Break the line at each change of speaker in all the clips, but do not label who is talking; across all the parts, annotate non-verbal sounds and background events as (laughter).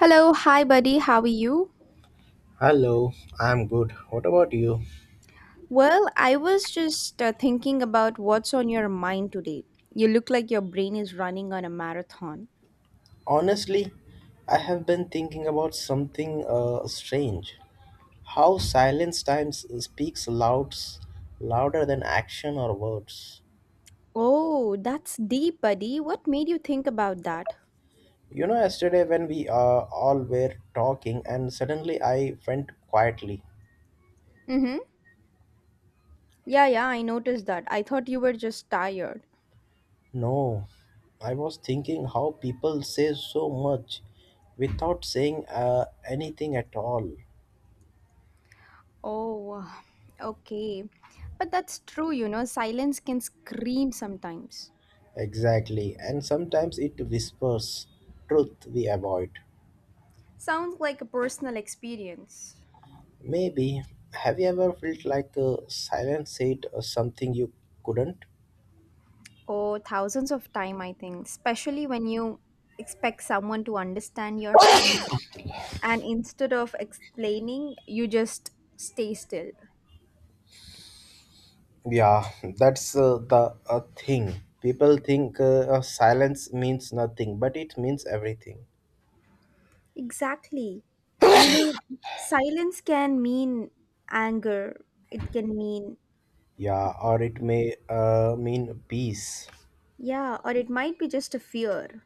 Hello, hi buddy, how are you?
Hello, I'm good. What about you?
Well, I was just thinking about what's on your mind today. You look like your brain is running on a marathon.
Honestly, I have been thinking about something strange. How silence times speaks louds, louder than action or words.
Oh, that's deep, buddy. What made you think about that?
You know, yesterday when we all were talking, and suddenly I went quietly.
Mm-hmm. Yeah, yeah, I noticed that. I thought you were just tired.
No, I was thinking how people say so much without saying anything at all.
Oh, okay. But that's true, silence can scream sometimes.
Exactly, and sometimes it whispers truth we avoid.
Sounds like a personal experience.
Maybe, have you ever felt like silence said something you couldn't?
Oh, thousands of time, I think, especially when you expect someone to understand yourself and instead of explaining, you just stay still.
Yeah, (laughs) that's the thing. People think silence means nothing, but it means everything.
Exactly. You know, Silence can mean anger. It can mean,
Yeah, or it may mean peace,
yeah, or it might be just a fear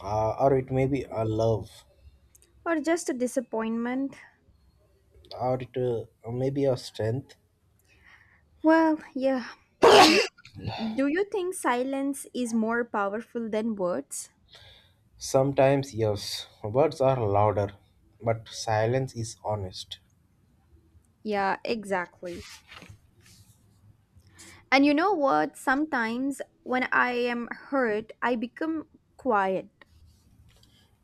or it may be a love,
or just a disappointment.
or it may be a strength.
Well, yeah. Do you do you think silence is more powerful than words?
Sometimes, yes, words are louder, but silence is honest.
Yeah, exactly. And you know what? Sometimes when I am hurt, I become quiet.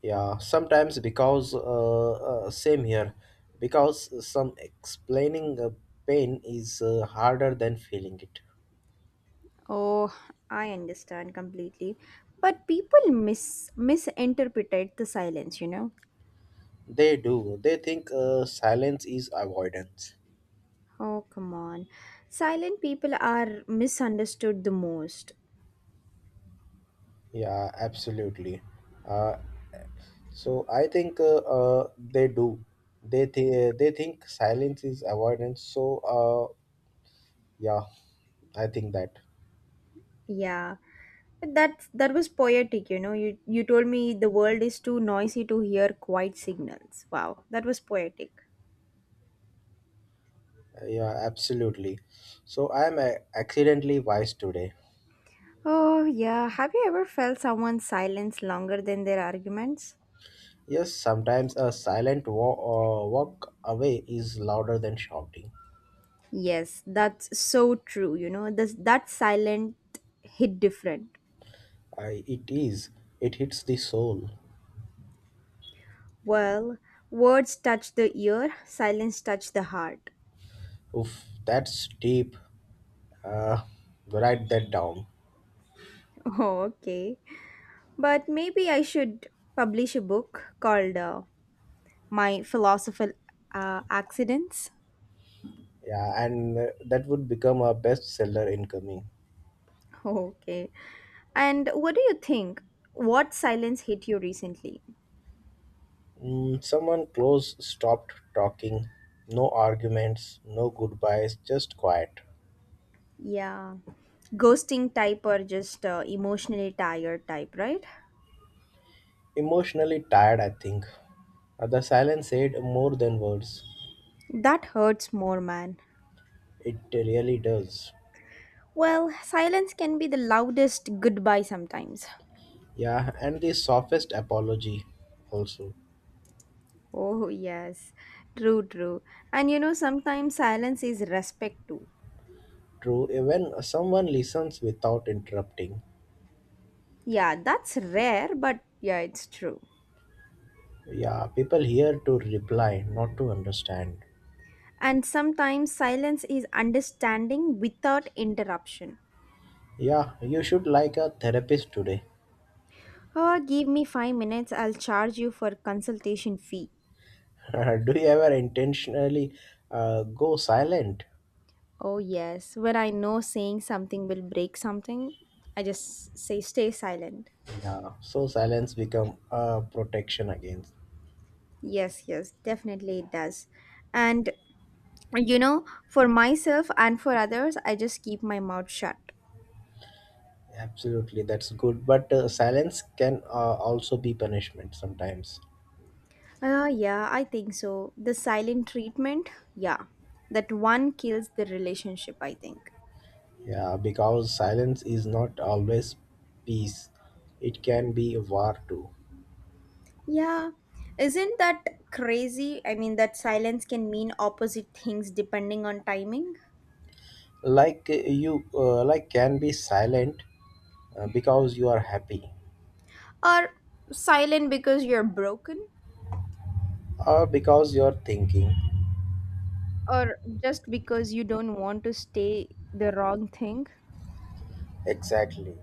Yeah, sometimes because same here, because some explaining pain is harder than feeling it.
Oh, I understand completely. But people misinterpret the silence, you know?
They do. They think silence is avoidance.
Oh, come on. Silent people are misunderstood the most.
Yeah, absolutely. Uh, so I think they do. They think silence is avoidance. Yeah, I think that.
Yeah. But that was poetic, you know. You told me the world is too noisy to hear quiet signals. Wow, that was poetic.
Yeah, absolutely. So I am accidentally wise today.
Oh, yeah. Have you ever felt someone's silence longer than their arguments?
Yes, sometimes a walk away is louder than shouting.
Yes, that's so true. That silent hit different.
It is. It hits the soul.
Well, words touch the ear, silence touch the heart. (laughs)
Oof, that's deep. Uh, Write that down.
Oh, okay. But maybe I should publish a book called My Philosophical Accidents. (laughs)
Yeah, and that would become a bestseller incoming.
Oh, okay. And what do you think? What silence hit you recently?
Mm, someone close stopped talking. No arguments, no goodbyes, just quiet.
Yeah. Ghosting type or just emotionally tired type, right?
Emotionally tired, I think. The silence said more than words.
That hurts more, man.
It really does.
Well, silence can be the loudest goodbye sometimes.
Yeah, and the softest apology also.
Oh, yes. True, true. And sometimes silence is respect too.
True, even someone listens without interrupting.
Yeah, that's rare, but yeah, it's true.
Yeah, people here to reply, not to understand.
And sometimes silence is understanding without interruption.
Yeah, you should like a therapist today.
Oh, give me 5 minutes, I'll charge you for consultation fee.
(laughs) Do you ever intentionally go silent?
Oh, yes. When I know saying something will break something, I just say stay silent.
Yeah, so silence become a protection against.
Yes, yes, definitely it does. And for myself and for others, I just keep my mouth shut.
Absolutely, that's good. But silence can also be punishment sometimes.
Yeah, I think so. The silent treatment, yeah, that one kills the relationship, I think.
Yeah, because silence is not always peace. It can be war too.
Yeah, isn't that crazy? I mean, that silence can mean opposite things depending on timing.
Like like can be silent because you are happy
Or silent because you're broken,
or because you are thinking.
or just because you don't want to stay the wrong thing.
Exactly.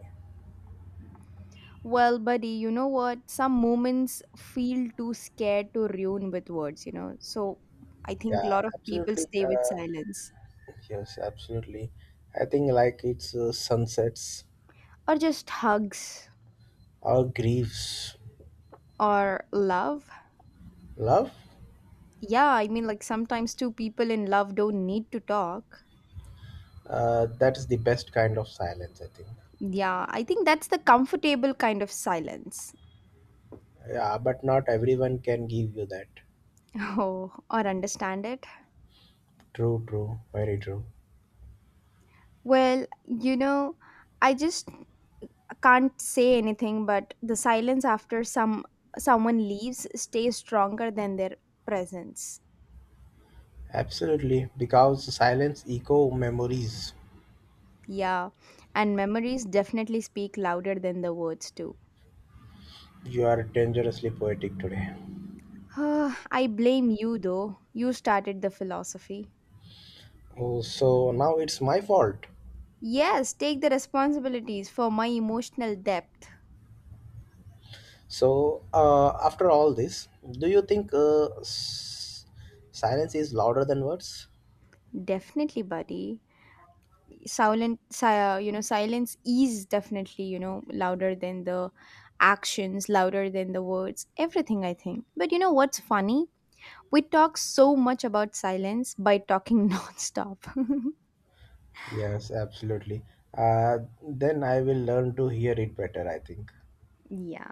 Well, buddy, you know what? Some moments feel too scared to ruin with words, you know? So I think a
Yeah,
lot of people
absolutely.
stay with silence,
Yes, absolutely. I think like it's sunsets
or just hugs,
or griefs,
or love.
love.
Yeah, I mean, like sometimes two people in love don't need to talk.
That is the best kind of silence, I think.
Yeah, I think that's the comfortable kind of silence. (laughs)
Yeah, but not everyone can give you that.
Oh, or understand it.
True, true, very true.
Well, you know, I just can't say anything but the silence after someone leaves stays stronger than their presence.
Absolutely, because silence echo memories.
Yeah, and memories definitely speak louder than the words do.
You are dangerously poetic today.
(sighs) Ah, I blame you though. You started the philosophy.
Oh, so now it's my fault.
Yes, take the responsibilities for my emotional depth.
After all this, do you think silence is louder than words?
Definitely, buddy. Silent si- uh, you know silence is definitely louder than the actions, louder than the words, everything, I think. But you know what's funny? We talk so much about silence by talking (laughs) nonstop.
Yes, absolutely. Uh, then I will learn to hear it better. I think.
Yeah,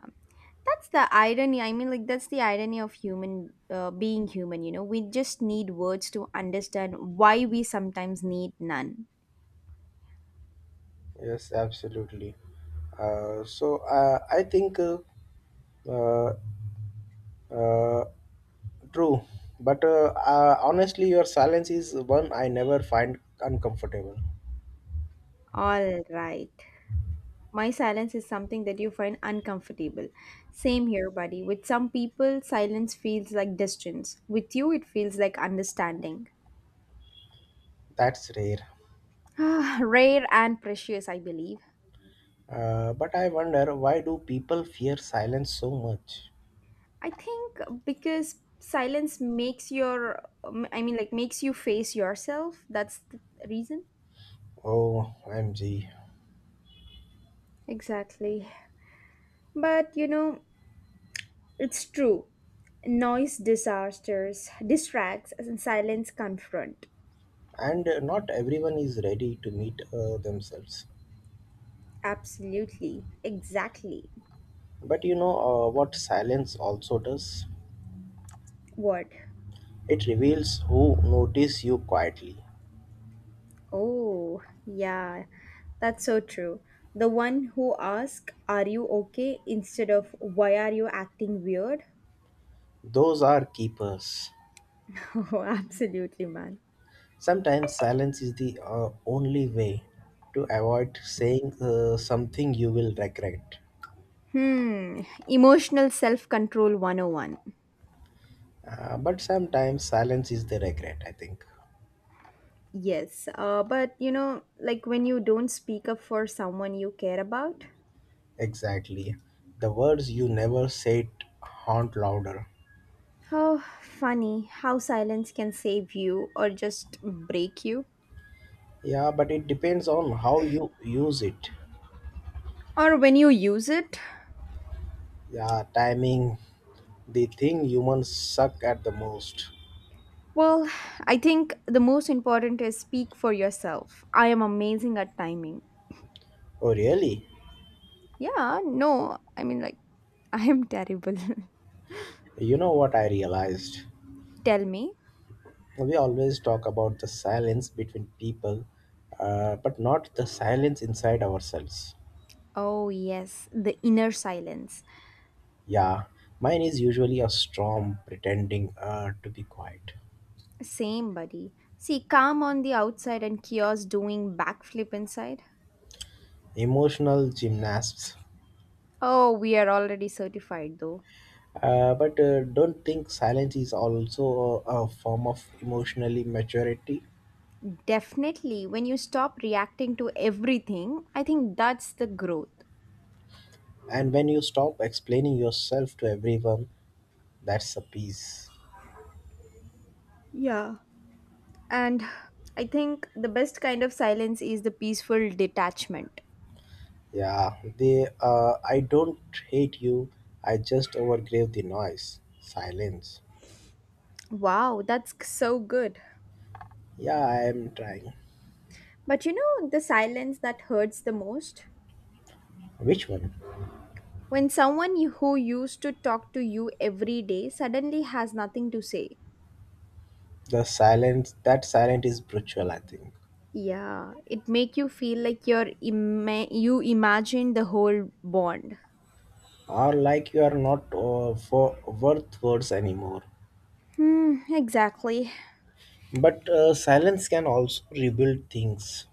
that's the irony. I mean, like, that's the irony of human being human. We just need words to understand why we sometimes need none.
Yes, absolutely. So I think uh, uh, True, but honestly, your silence is one I never find uncomfortable.
All right. My silence is something that you find uncomfortable. Same here, buddy. With some people, silence feels like distance. With you, it feels like understanding.
That's rare.
(sighs) Rare and precious, I believe.
But I wonder why do people fear silence so much?
I think because silence makes I mean, like makes you face yourself. That's the reason.
Oh, MG.
Exactly. But it's true. Noise disasters, distracts, and silence confront.
And not everyone is ready to meet themselves.
Absolutely. Exactly.
But you know what silence also does?
What?
It reveals who notice you quietly.
Oh, yeah. That's so true. The one who asks, "Are you okay?" instead of "Why are you acting weird?"
Those are keepers.
(laughs) Oh, absolutely, man.
Sometimes silence is the only way to avoid saying something you will regret.
Hmm, emotional self control 101.
But sometimes silence is the regret, I think.
Yes, but like when you don't speak up for someone you care about.
Exactly. The words you never said haunt louder.
Oh, funny how silence can save you or just break you.
Yeah, but it depends on how you use it.
Or when you use it,
Yeah, timing, the thing humans suck at the most.
well, I think the most important is speak for yourself. I am amazing at timing.
Oh, really?
Yeah, no, I mean, like, (laughs) I am terrible.
You know what I realized?
(laughs) Tell me.
We always talk about the silence between people, but not the silence inside ourselves.
Oh, yes, the inner silence.
Yeah, mine is usually a storm pretending to be quiet.
Same, buddy. See, calm on the outside and chaos doing backflip inside.
Emotional gymnasts.
Oh, we are already certified though.
But Don't think silence is also a form of emotionally maturity.
Definitely, when you stop reacting to everything, I think that's the growth.
And when you stop explaining yourself to everyone, that's a peace.
Yeah. And I think the best kind of silence is the peaceful detachment.
Yeah, they. I don't hate you. I just overgrave the noise. Silence.
Wow, that's so good.
Yeah, I am trying.
But you know the silence that hurts the most?
Which one?
When someone who used to talk to you every day suddenly has nothing to say.
The silence. That silent is brutal, I think.
Yeah, it make you feel like you imagine the whole bond.
Or like you are not for worth words anymore.
Hmm, exactly.
But silence can also rebuild things.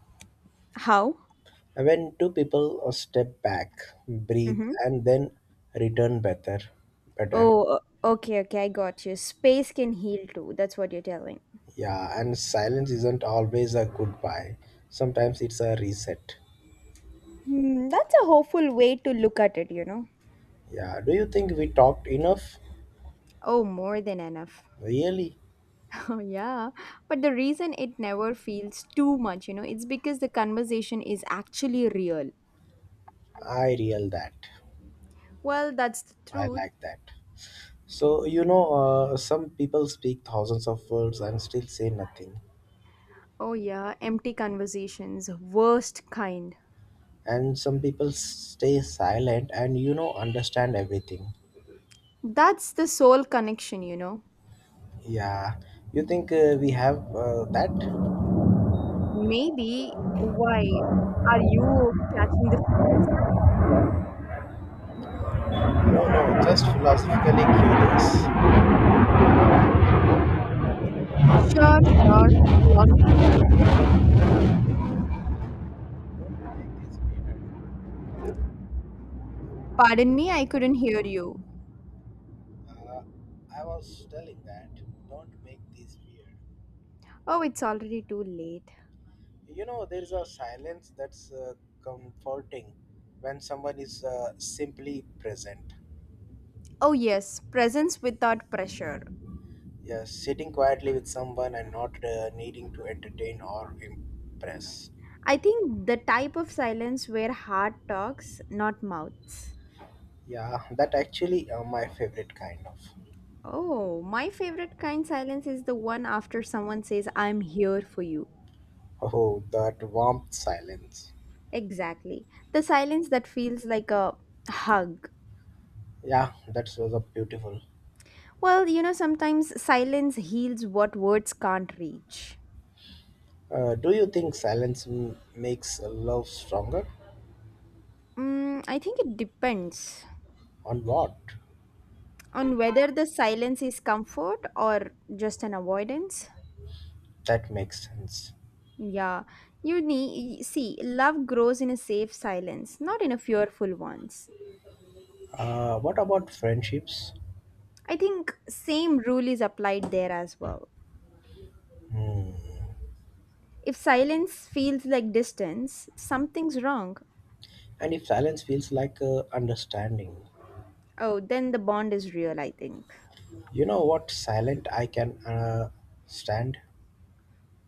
How?
When two people step back, breathe,
Mm-hmm.
and then return
Oh,
better.
okay, okay, I got you. Space can heal too. That's what you're telling.
Yeah, and silence isn't always a goodbye. Sometimes it's a reset.
Hmm, that's a hopeful way to look at it.
Yeah. Do you think we talked enough?
Oh, more than enough. (laughs)
Really?
Oh, yeah. But the reason it never feels too much, it's because the conversation is actually real.
I real that.
Well, that's the
I
truth.
like that. So, you know, some people speak thousands of words and still say nothing.
Oh, yeah, empty conversations, worst kind.
And some people stay silent and, you know, understand everything.
That's the soul connection.
Yeah. You think we have that?
Maybe why are you catching the feelings now?
No, no, just philosophically curious.
Sure, sure, philosophically. Pardon me, I couldn't hear you.
I was telling that. Don't make this weird.
Oh, it's already too late.
You know, there is a silence that's comforting when someone is simply present.
Oh, yes, presence without pressure.
Yes, sitting quietly with someone and not needing to entertain or impress.
I think the type of silence where heart talks, not mouths.
Yeah, that actually my favorite kind of.
Oh, my favorite kind silence is the one after someone says, "I'm here for you."
Oh, that warm silence.
Exactly. The silence that feels like a hug.
Yeah, that was a beautiful.
Well, sometimes silence heals what words can't reach.
Do you think silence makes love stronger?
Mm, I think it depends
On what?
on whether the silence is comfort or just an avoidance.
That makes sense.
Yeah, you need, see, love grows in a safe silence, not in a fearful ones.
What about friendships?
I think same rule is applied there as well.
Hmm.
If silence feels like distance, something's wrong.
And if silence feels like understanding,
Oh, then the bond is real, I think.
you know what silent I can stand?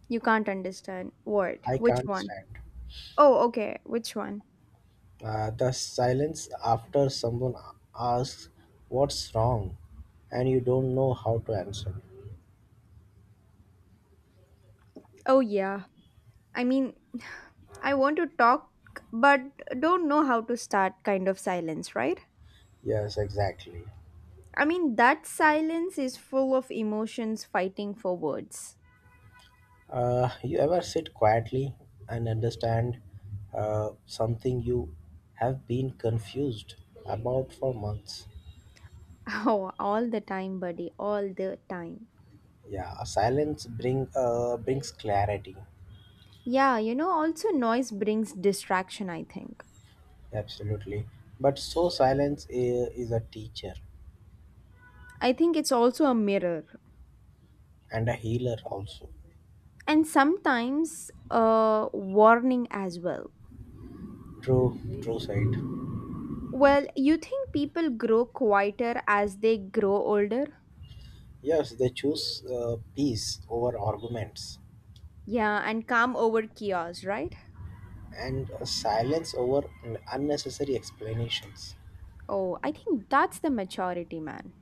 You can't understand. What?
I
Which
can't
one?
stand.
Oh, okay. Which one?
The silence after someone asks what's wrong and you don't know how to answer.
Oh, yeah. I mean, (sighs) I want to talk, but don't know how to start kind of silence, right?
Yes, exactly.
I mean, that silence is full of emotions fighting for words. (laughs)
You ever sit quietly and understand something you have been confused about for months?
Oh, all the time, buddy, all the time.
Yeah, silence brings clarity.
Yeah, also noise brings distraction, I think.
Absolutely. But so silence is a teacher
I think it's also a mirror
and a healer also.
and sometimes a warning as well.
True, true side.
Well, you think people grow quieter as they grow older?
Yes, they choose peace over arguments
Yeah, and calm over chaos, right?
and silence over unnecessary explanations.
Oh, I think that's the maturity, man.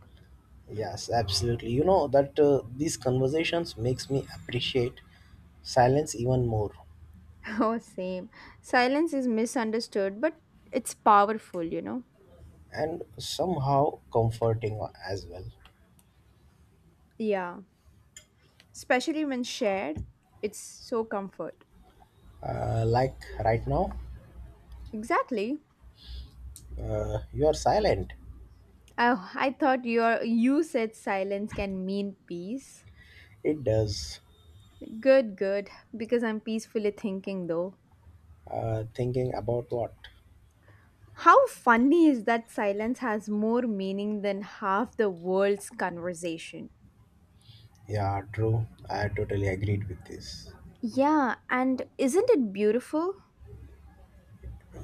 Yes, absolutely. You know that these conversations makes me appreciate silence even more
(laughs) Oh, same. Silence is misunderstood, but it's powerful, you know?
and somehow comforting as well.
Yeah, especially when shared, it's so comfort.
Like right now,
Exactly.
you are silent.
Oh, I thought you said silence can mean peace.
It does.
Good, good, because I'm peacefully thinking though.
Thinking about what?
How funny is that silence has more meaning than half the world's conversation.
Yeah, true. I totally agreed with this.
Yeah, and isn't it beautiful?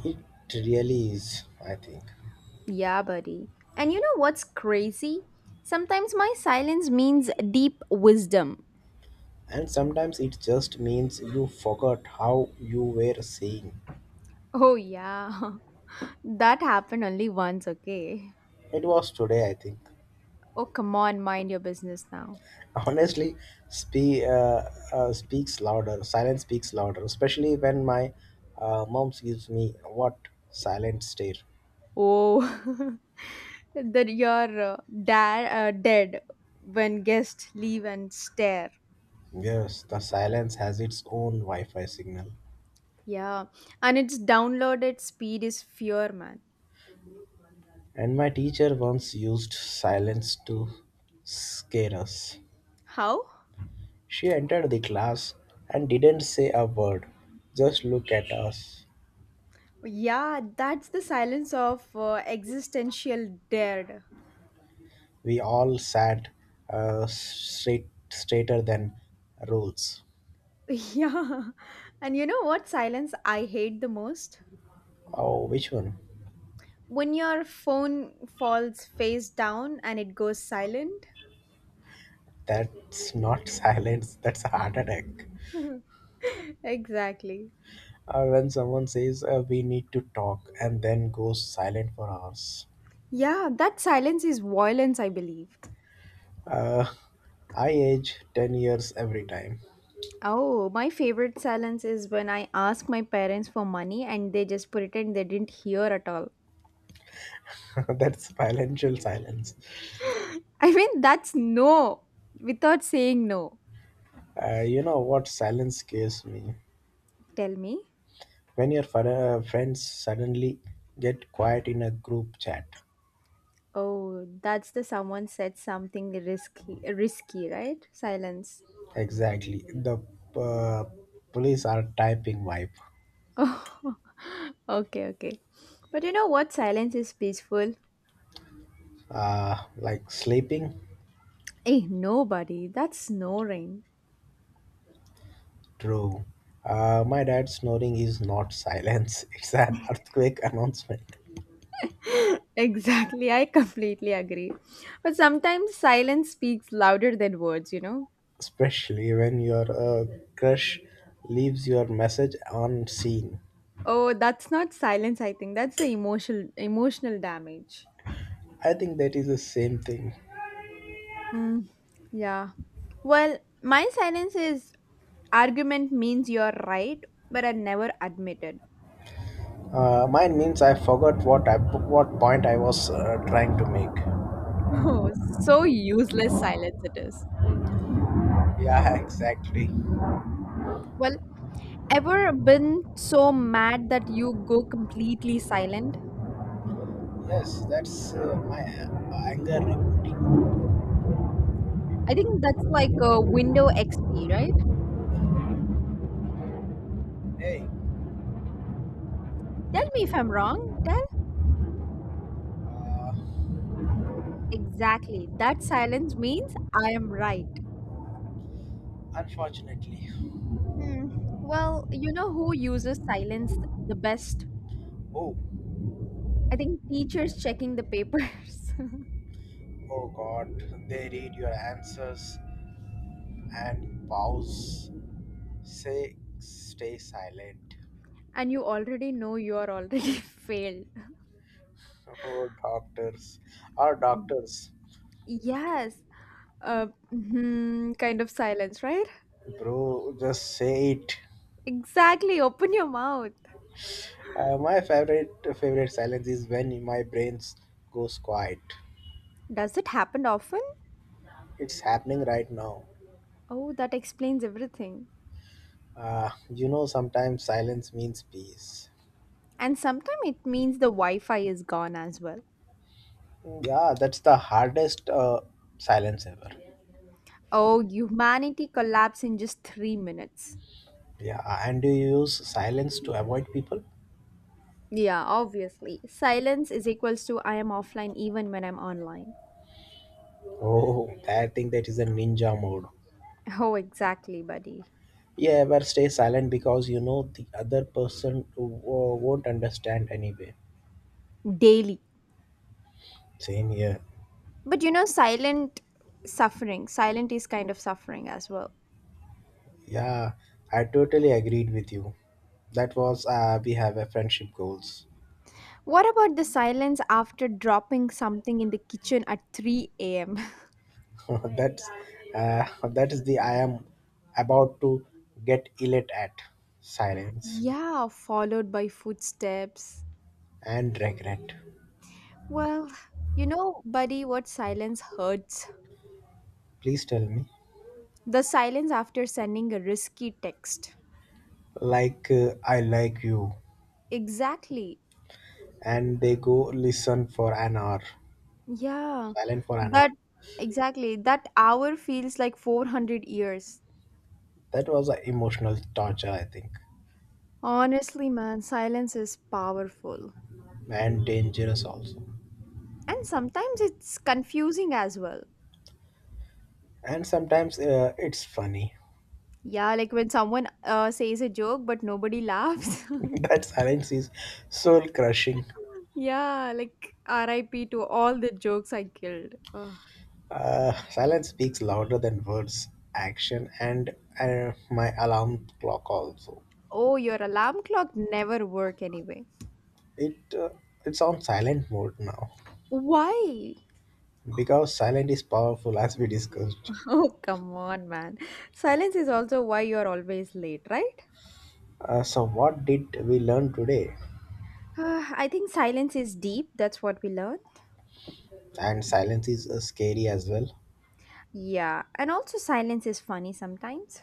It really is, I think.
Yeah, buddy. And you know what's crazy? Sometimes my silence means deep wisdom.
And sometimes it just means you forgot how you were saying.
Oh, yeah. (laughs) That happened only once, okay?
It was today, I think.
Oh, come on, mind your business now.
(laughs) Honestly, spe- uh, speaks louder. Silence speaks louder, especially when my mom gives me what silent stare.
Oh, (laughs) that you're dead when guests leave and stare.
Yes, the silence has its own Wi Fi signal.
Yeah, and its downloaded speed is fear, man.
And my teacher once used silence to scare us.
How?
She entered the class and didn't say a word, just look at us.
Yeah, that's the silence of existential dread. (laughs)
We all sat straight straighter than rules.
Yeah. And you know what silence I hate the most?
Oh, which one?
When your phone falls face down and it goes silent.
That's not (laughs) silence. That's a heart attack.
(laughs) Exactly.
When someone says we need to talk and then goes silent for hours.
Yeah, that silence is violence, I believe.
Uh, I age 10 years every time.
Oh, my favorite silence is when I ask my parents for money and they just pretend they didn't hear at all.
(laughs) That's financial silence.
I mean, that's no without saying no.
You know what silence scares me?
Tell me.
When your friends suddenly get quiet in a group chat.
Oh, that's the someone said something risky, risky, right? Silence.
Exactly. The uh, police are typing wipe.
(laughs) Oh, okay, okay. But you know what? Silence is peaceful.
Like sleeping?
Eh, nobody. That's snoring.
True. My dad's snoring is not silence, (laughs) it's an earthquake announcement.
(laughs) Exactly. I completely agree. But sometimes silence speaks louder than words, you know?
Especially when your crush leaves your message unseen.
Oh, that's not silence, I think. That's the emotional damage.
I think that is the same thing.
Mm, yeah. Well, my silence is argument means you're right, but I never admitted.
Mine means I forgot what point I was trying to make.
Oh, so useless silence it is.
Yeah, (laughs) exactly.
Well, ever been so mad that you go completely silent?
Yes, that's my anger reporting.
I think that's like a window XP, right?
Hey,
Tell me if I'm wrong. Tell
uh,
exactly. That silence means I am right.
Unfortunately.
Hmm. Well, you know who uses silence the best?
Oh,
I think teachers checking the papers.
oh God, they read your answers and pause. Say, stay silent. (laughs)
(laughs) and you already know you are already (laughs) failed.
Oh, doctors. Our doctors.
Yes. Kind of silence, right?
Bro, just say it.
Exactly, open your mouth.
My favorite silence is when my brains goes quiet.
Does it happen often?
It's happening right now.
Oh, that explains everything.
You know, sometimes silence means peace.
And sometimes it means the Wi Fi is gone as well.
Yeah, that's the hardest silence ever.
Oh, humanity collapse in just 3 minutes.
Yeah, and do you use silence to avoid people?
Yeah, obviously. Silence is equals to I am offline even when I'm online.
Oh, I think that is a ninja mode.
Oh, exactly, buddy.
You ever stay silent because you know the other person won't understand anyway.
Daily.
Same here.
But silent suffering, silent is kind of suffering as well.
Yeah, I totally agreed with you. That was we have a friendship goals.
What about the silence after dropping something in the kitchen at 3 a.m.?
(laughs) That's that is the I am about to get elate at silence
Yeah, followed by footsteps.
and regret.
Well, buddy, what silence hurts?
Please tell me,
The silence after sending a risky text.
like I like you,
Exactly.
and they go listen for an hour,
Yeah.
silent for an hour.
That, exactly. That hour feels like 400 years.
That was a emotional torture, I think,
Honestly, man, silence is powerful.
and dangerous also.
And sometimes it's confusing as well.
And sometimes it's funny.
Yeah, like when someone says a joke but nobody laughs. (laughs)
(laughs) That silence is soul crushing.
Yeah, like RIP to all the jokes I killed. Ugh.
Silence speaks louder than words, action, and my alarm clock also.
Oh, your alarm clock never work anyway.
It uh, it's on silent mode now
Why? (laughs)
because silent is powerful, as we discussed.
Oh, come on, man. Silence is also why you're always late, right?
So what did we learn today?
Ah, I think silence is deep. That's what we learn.
And silence is scary as well.
Yeah, and also silence is funny sometimes.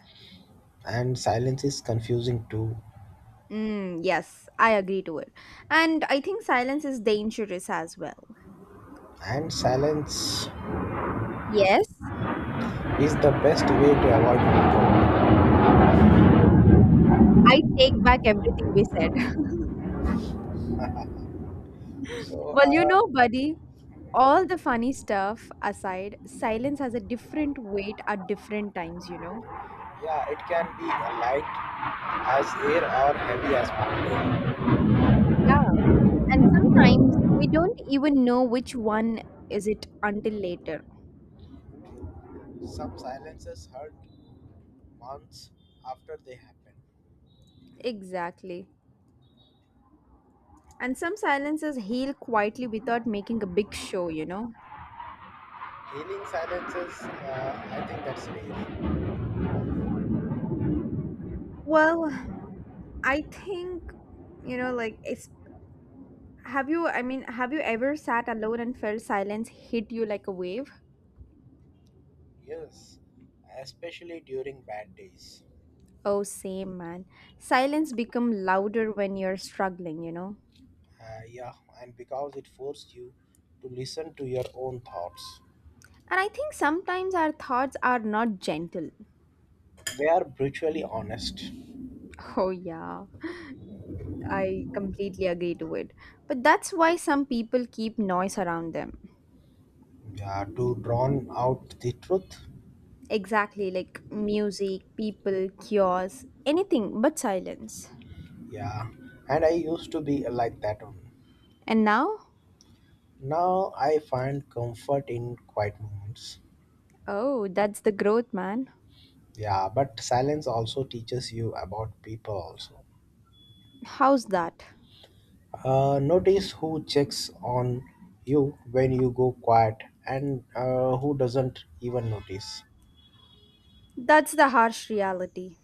And silence is confusing too.
Mm, yes, I agree to it. And I think silence is dangerous as well.
And silence
Yes,
is the best way to avoid heat.
I take back everything we said. (laughs)
So,
Well, you know,
uh,
buddy, all the funny stuff aside, silence has a different weight at different times, you know.
yeah, it can be light as air or heavy as mountain.
Yeah, and sometimes we don't even know which one is it until later.
Some silences hurt months after they happen.
Exactly, and some silences heal quietly without making a big show, you know.
Healing silences, I think that's rare.
Well, I think, you know, like, it's have you, I mean, have you ever sat alone and felt silence hit you like a wave?
Yes, especially during bad days.
Oh, same, man. Silence become louder when you're struggling, you know.
Yeah, and because it forced you to listen to your own thoughts.
And I think sometimes our thoughts are not gentle.
They are brutally honest.
(laughs) Oh yeah, I completely agree to it. But that's why some people keep noise around them.
Yeah, to drown out the truth.
Exactly, like music, people, cures, anything but silence.
Yeah, and I used to be like that one.
And now?
Now I find comfort in quiet moments.
Oh, that's the growth, man.
Yeah, but silence also teaches you about people also.
How's that?
Notice who checks on you when you go quiet and who doesn't even notice.
That's the harsh reality.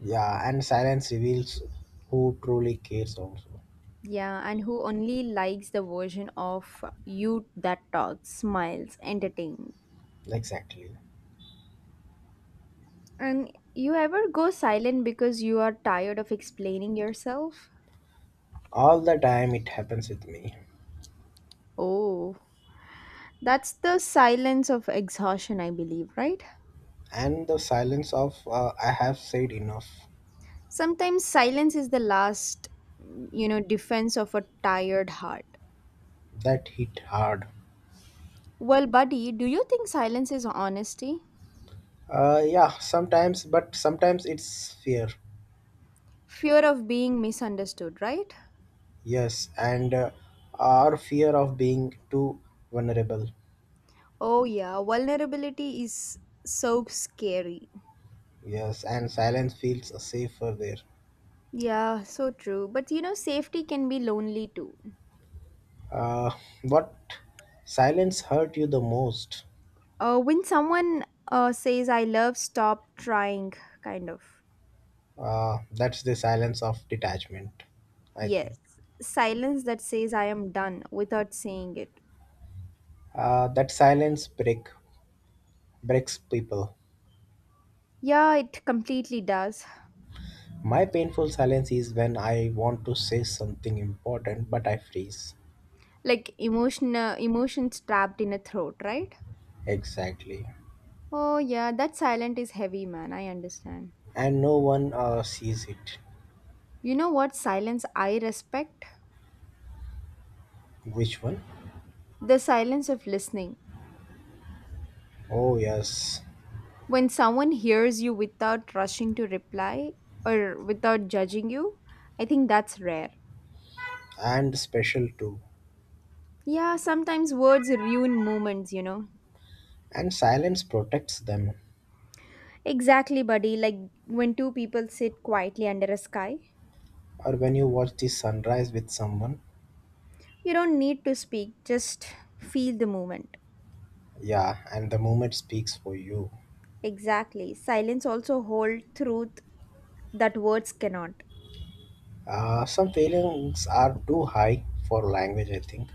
Yeah, and silence reveals who truly cares also.
Yeah, and who only likes the version of you that talks, smiles, entertains.
Exactly.
And you ever go silent because you are tired of explaining yourself?
All the time it happens with me.
Oh, that's the silence of exhaustion, I believe, right?
And the silence of I have said enough
Sometimes silence is the last, you know, defense of a tired heart.
that hit hard.
Well, buddy, do you think silence is honesty?
Yeah, sometimes, but sometimes it's fear.
Fear of being misunderstood, right?
Yes, and our fear of being too vulnerable.
Oh, yeah, vulnerability is so scary.
Yes, and silence feels safer there.
Yeah, so true. But you know, safety can be lonely too.
Uh, what silence hurt you the most?
When someone says, I love, stop trying, kind of.
That's the silence of detachment, I think.
Yes, silence that says I am done without saying it.
That silence breaks people.
Yeah, it completely does.
My painful silence is when I want to say something important, but I freeze.
Like emotion, emotions trapped in a throat, right?
Exactly,
Oh, yeah, that silence is heavy, man. I understand.
and no one sees it.
You know what silence I respect?
Which one?
The silence of listening.
Oh, yes,
When someone hears you without rushing to reply or without judging you, I think that's rare.
and special too.
Yeah, sometimes words ruin moments, you know.
And silence protects them.
Exactly, buddy. Like when two people sit quietly under a sky,
Or when you watch the sunrise with someone,
you don't need to speak, just feel the movement.
yeah, and the moment speaks for you.
Exactly. Silence also holds truth that words cannot.
Some feelings are too high for language, I think.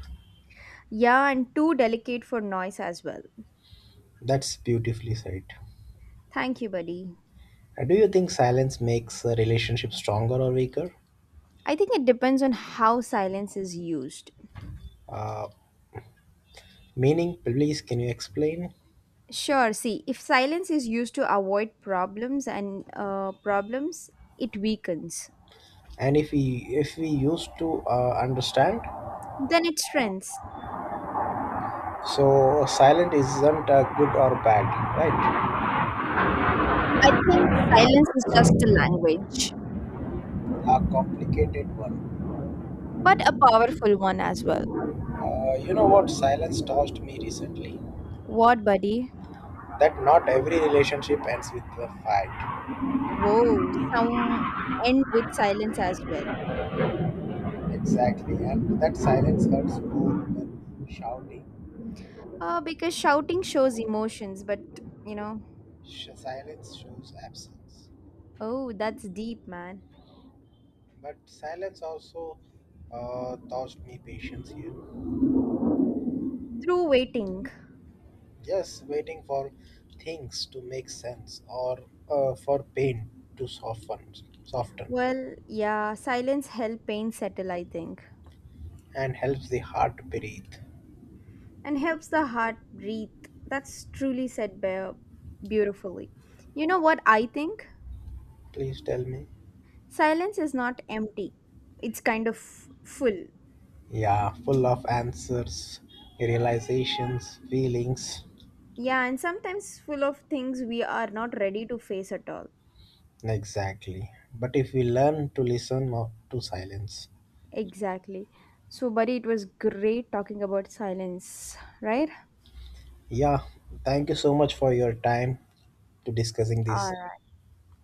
Yeah, and too delicate for noise as well.
That's beautifully said.
Thank you, buddy.
Do you think silence makes a relationship stronger or weaker?
I think it depends on how silence is used.
Uh, meaning, please, can you explain?
Sure, see, if silence is used to avoid problems and problems, it weakens.
And if we used to understand,
Then it strengthens.
so silent isn't good or bad, right?
I think silence is just a language.
A complicated one.
But a powerful one as well.
You know what silence taught me recently?
What, buddy?
That not every relationship ends with a fight.
Whoa, some end with silence as well.
Exactly, and that silence hurts more than shouting.
Because shouting shows emotions, but you know,
Silence shows absence.
oh, that's deep, man.
But silence also taught me patience here.
Through waiting.
Just waiting for things to make sense or for pain to soften,
Well, yeah, silence helps pain settle, I think,
and helps the heart breathe.
and helps the heart breathe. That's truly said by, beautifully. You know what I think?
Please tell me.
Silence is not empty, it's kind of full.
Yeah, full of answers, realizations, feelings.
Yeah, and sometimes full of things we are not ready to face at all.
Exactly. But if we learn to listen, not to silence.
Exactly. So, buddy, it was great talking about silence, right?
Yeah, thank you so much for your time to discussing
All
this
right.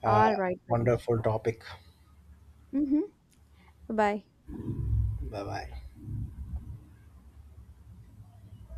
uh,
All right, buddy.
wonderful topic.
Mm-hmm. Bye.
Bye bye.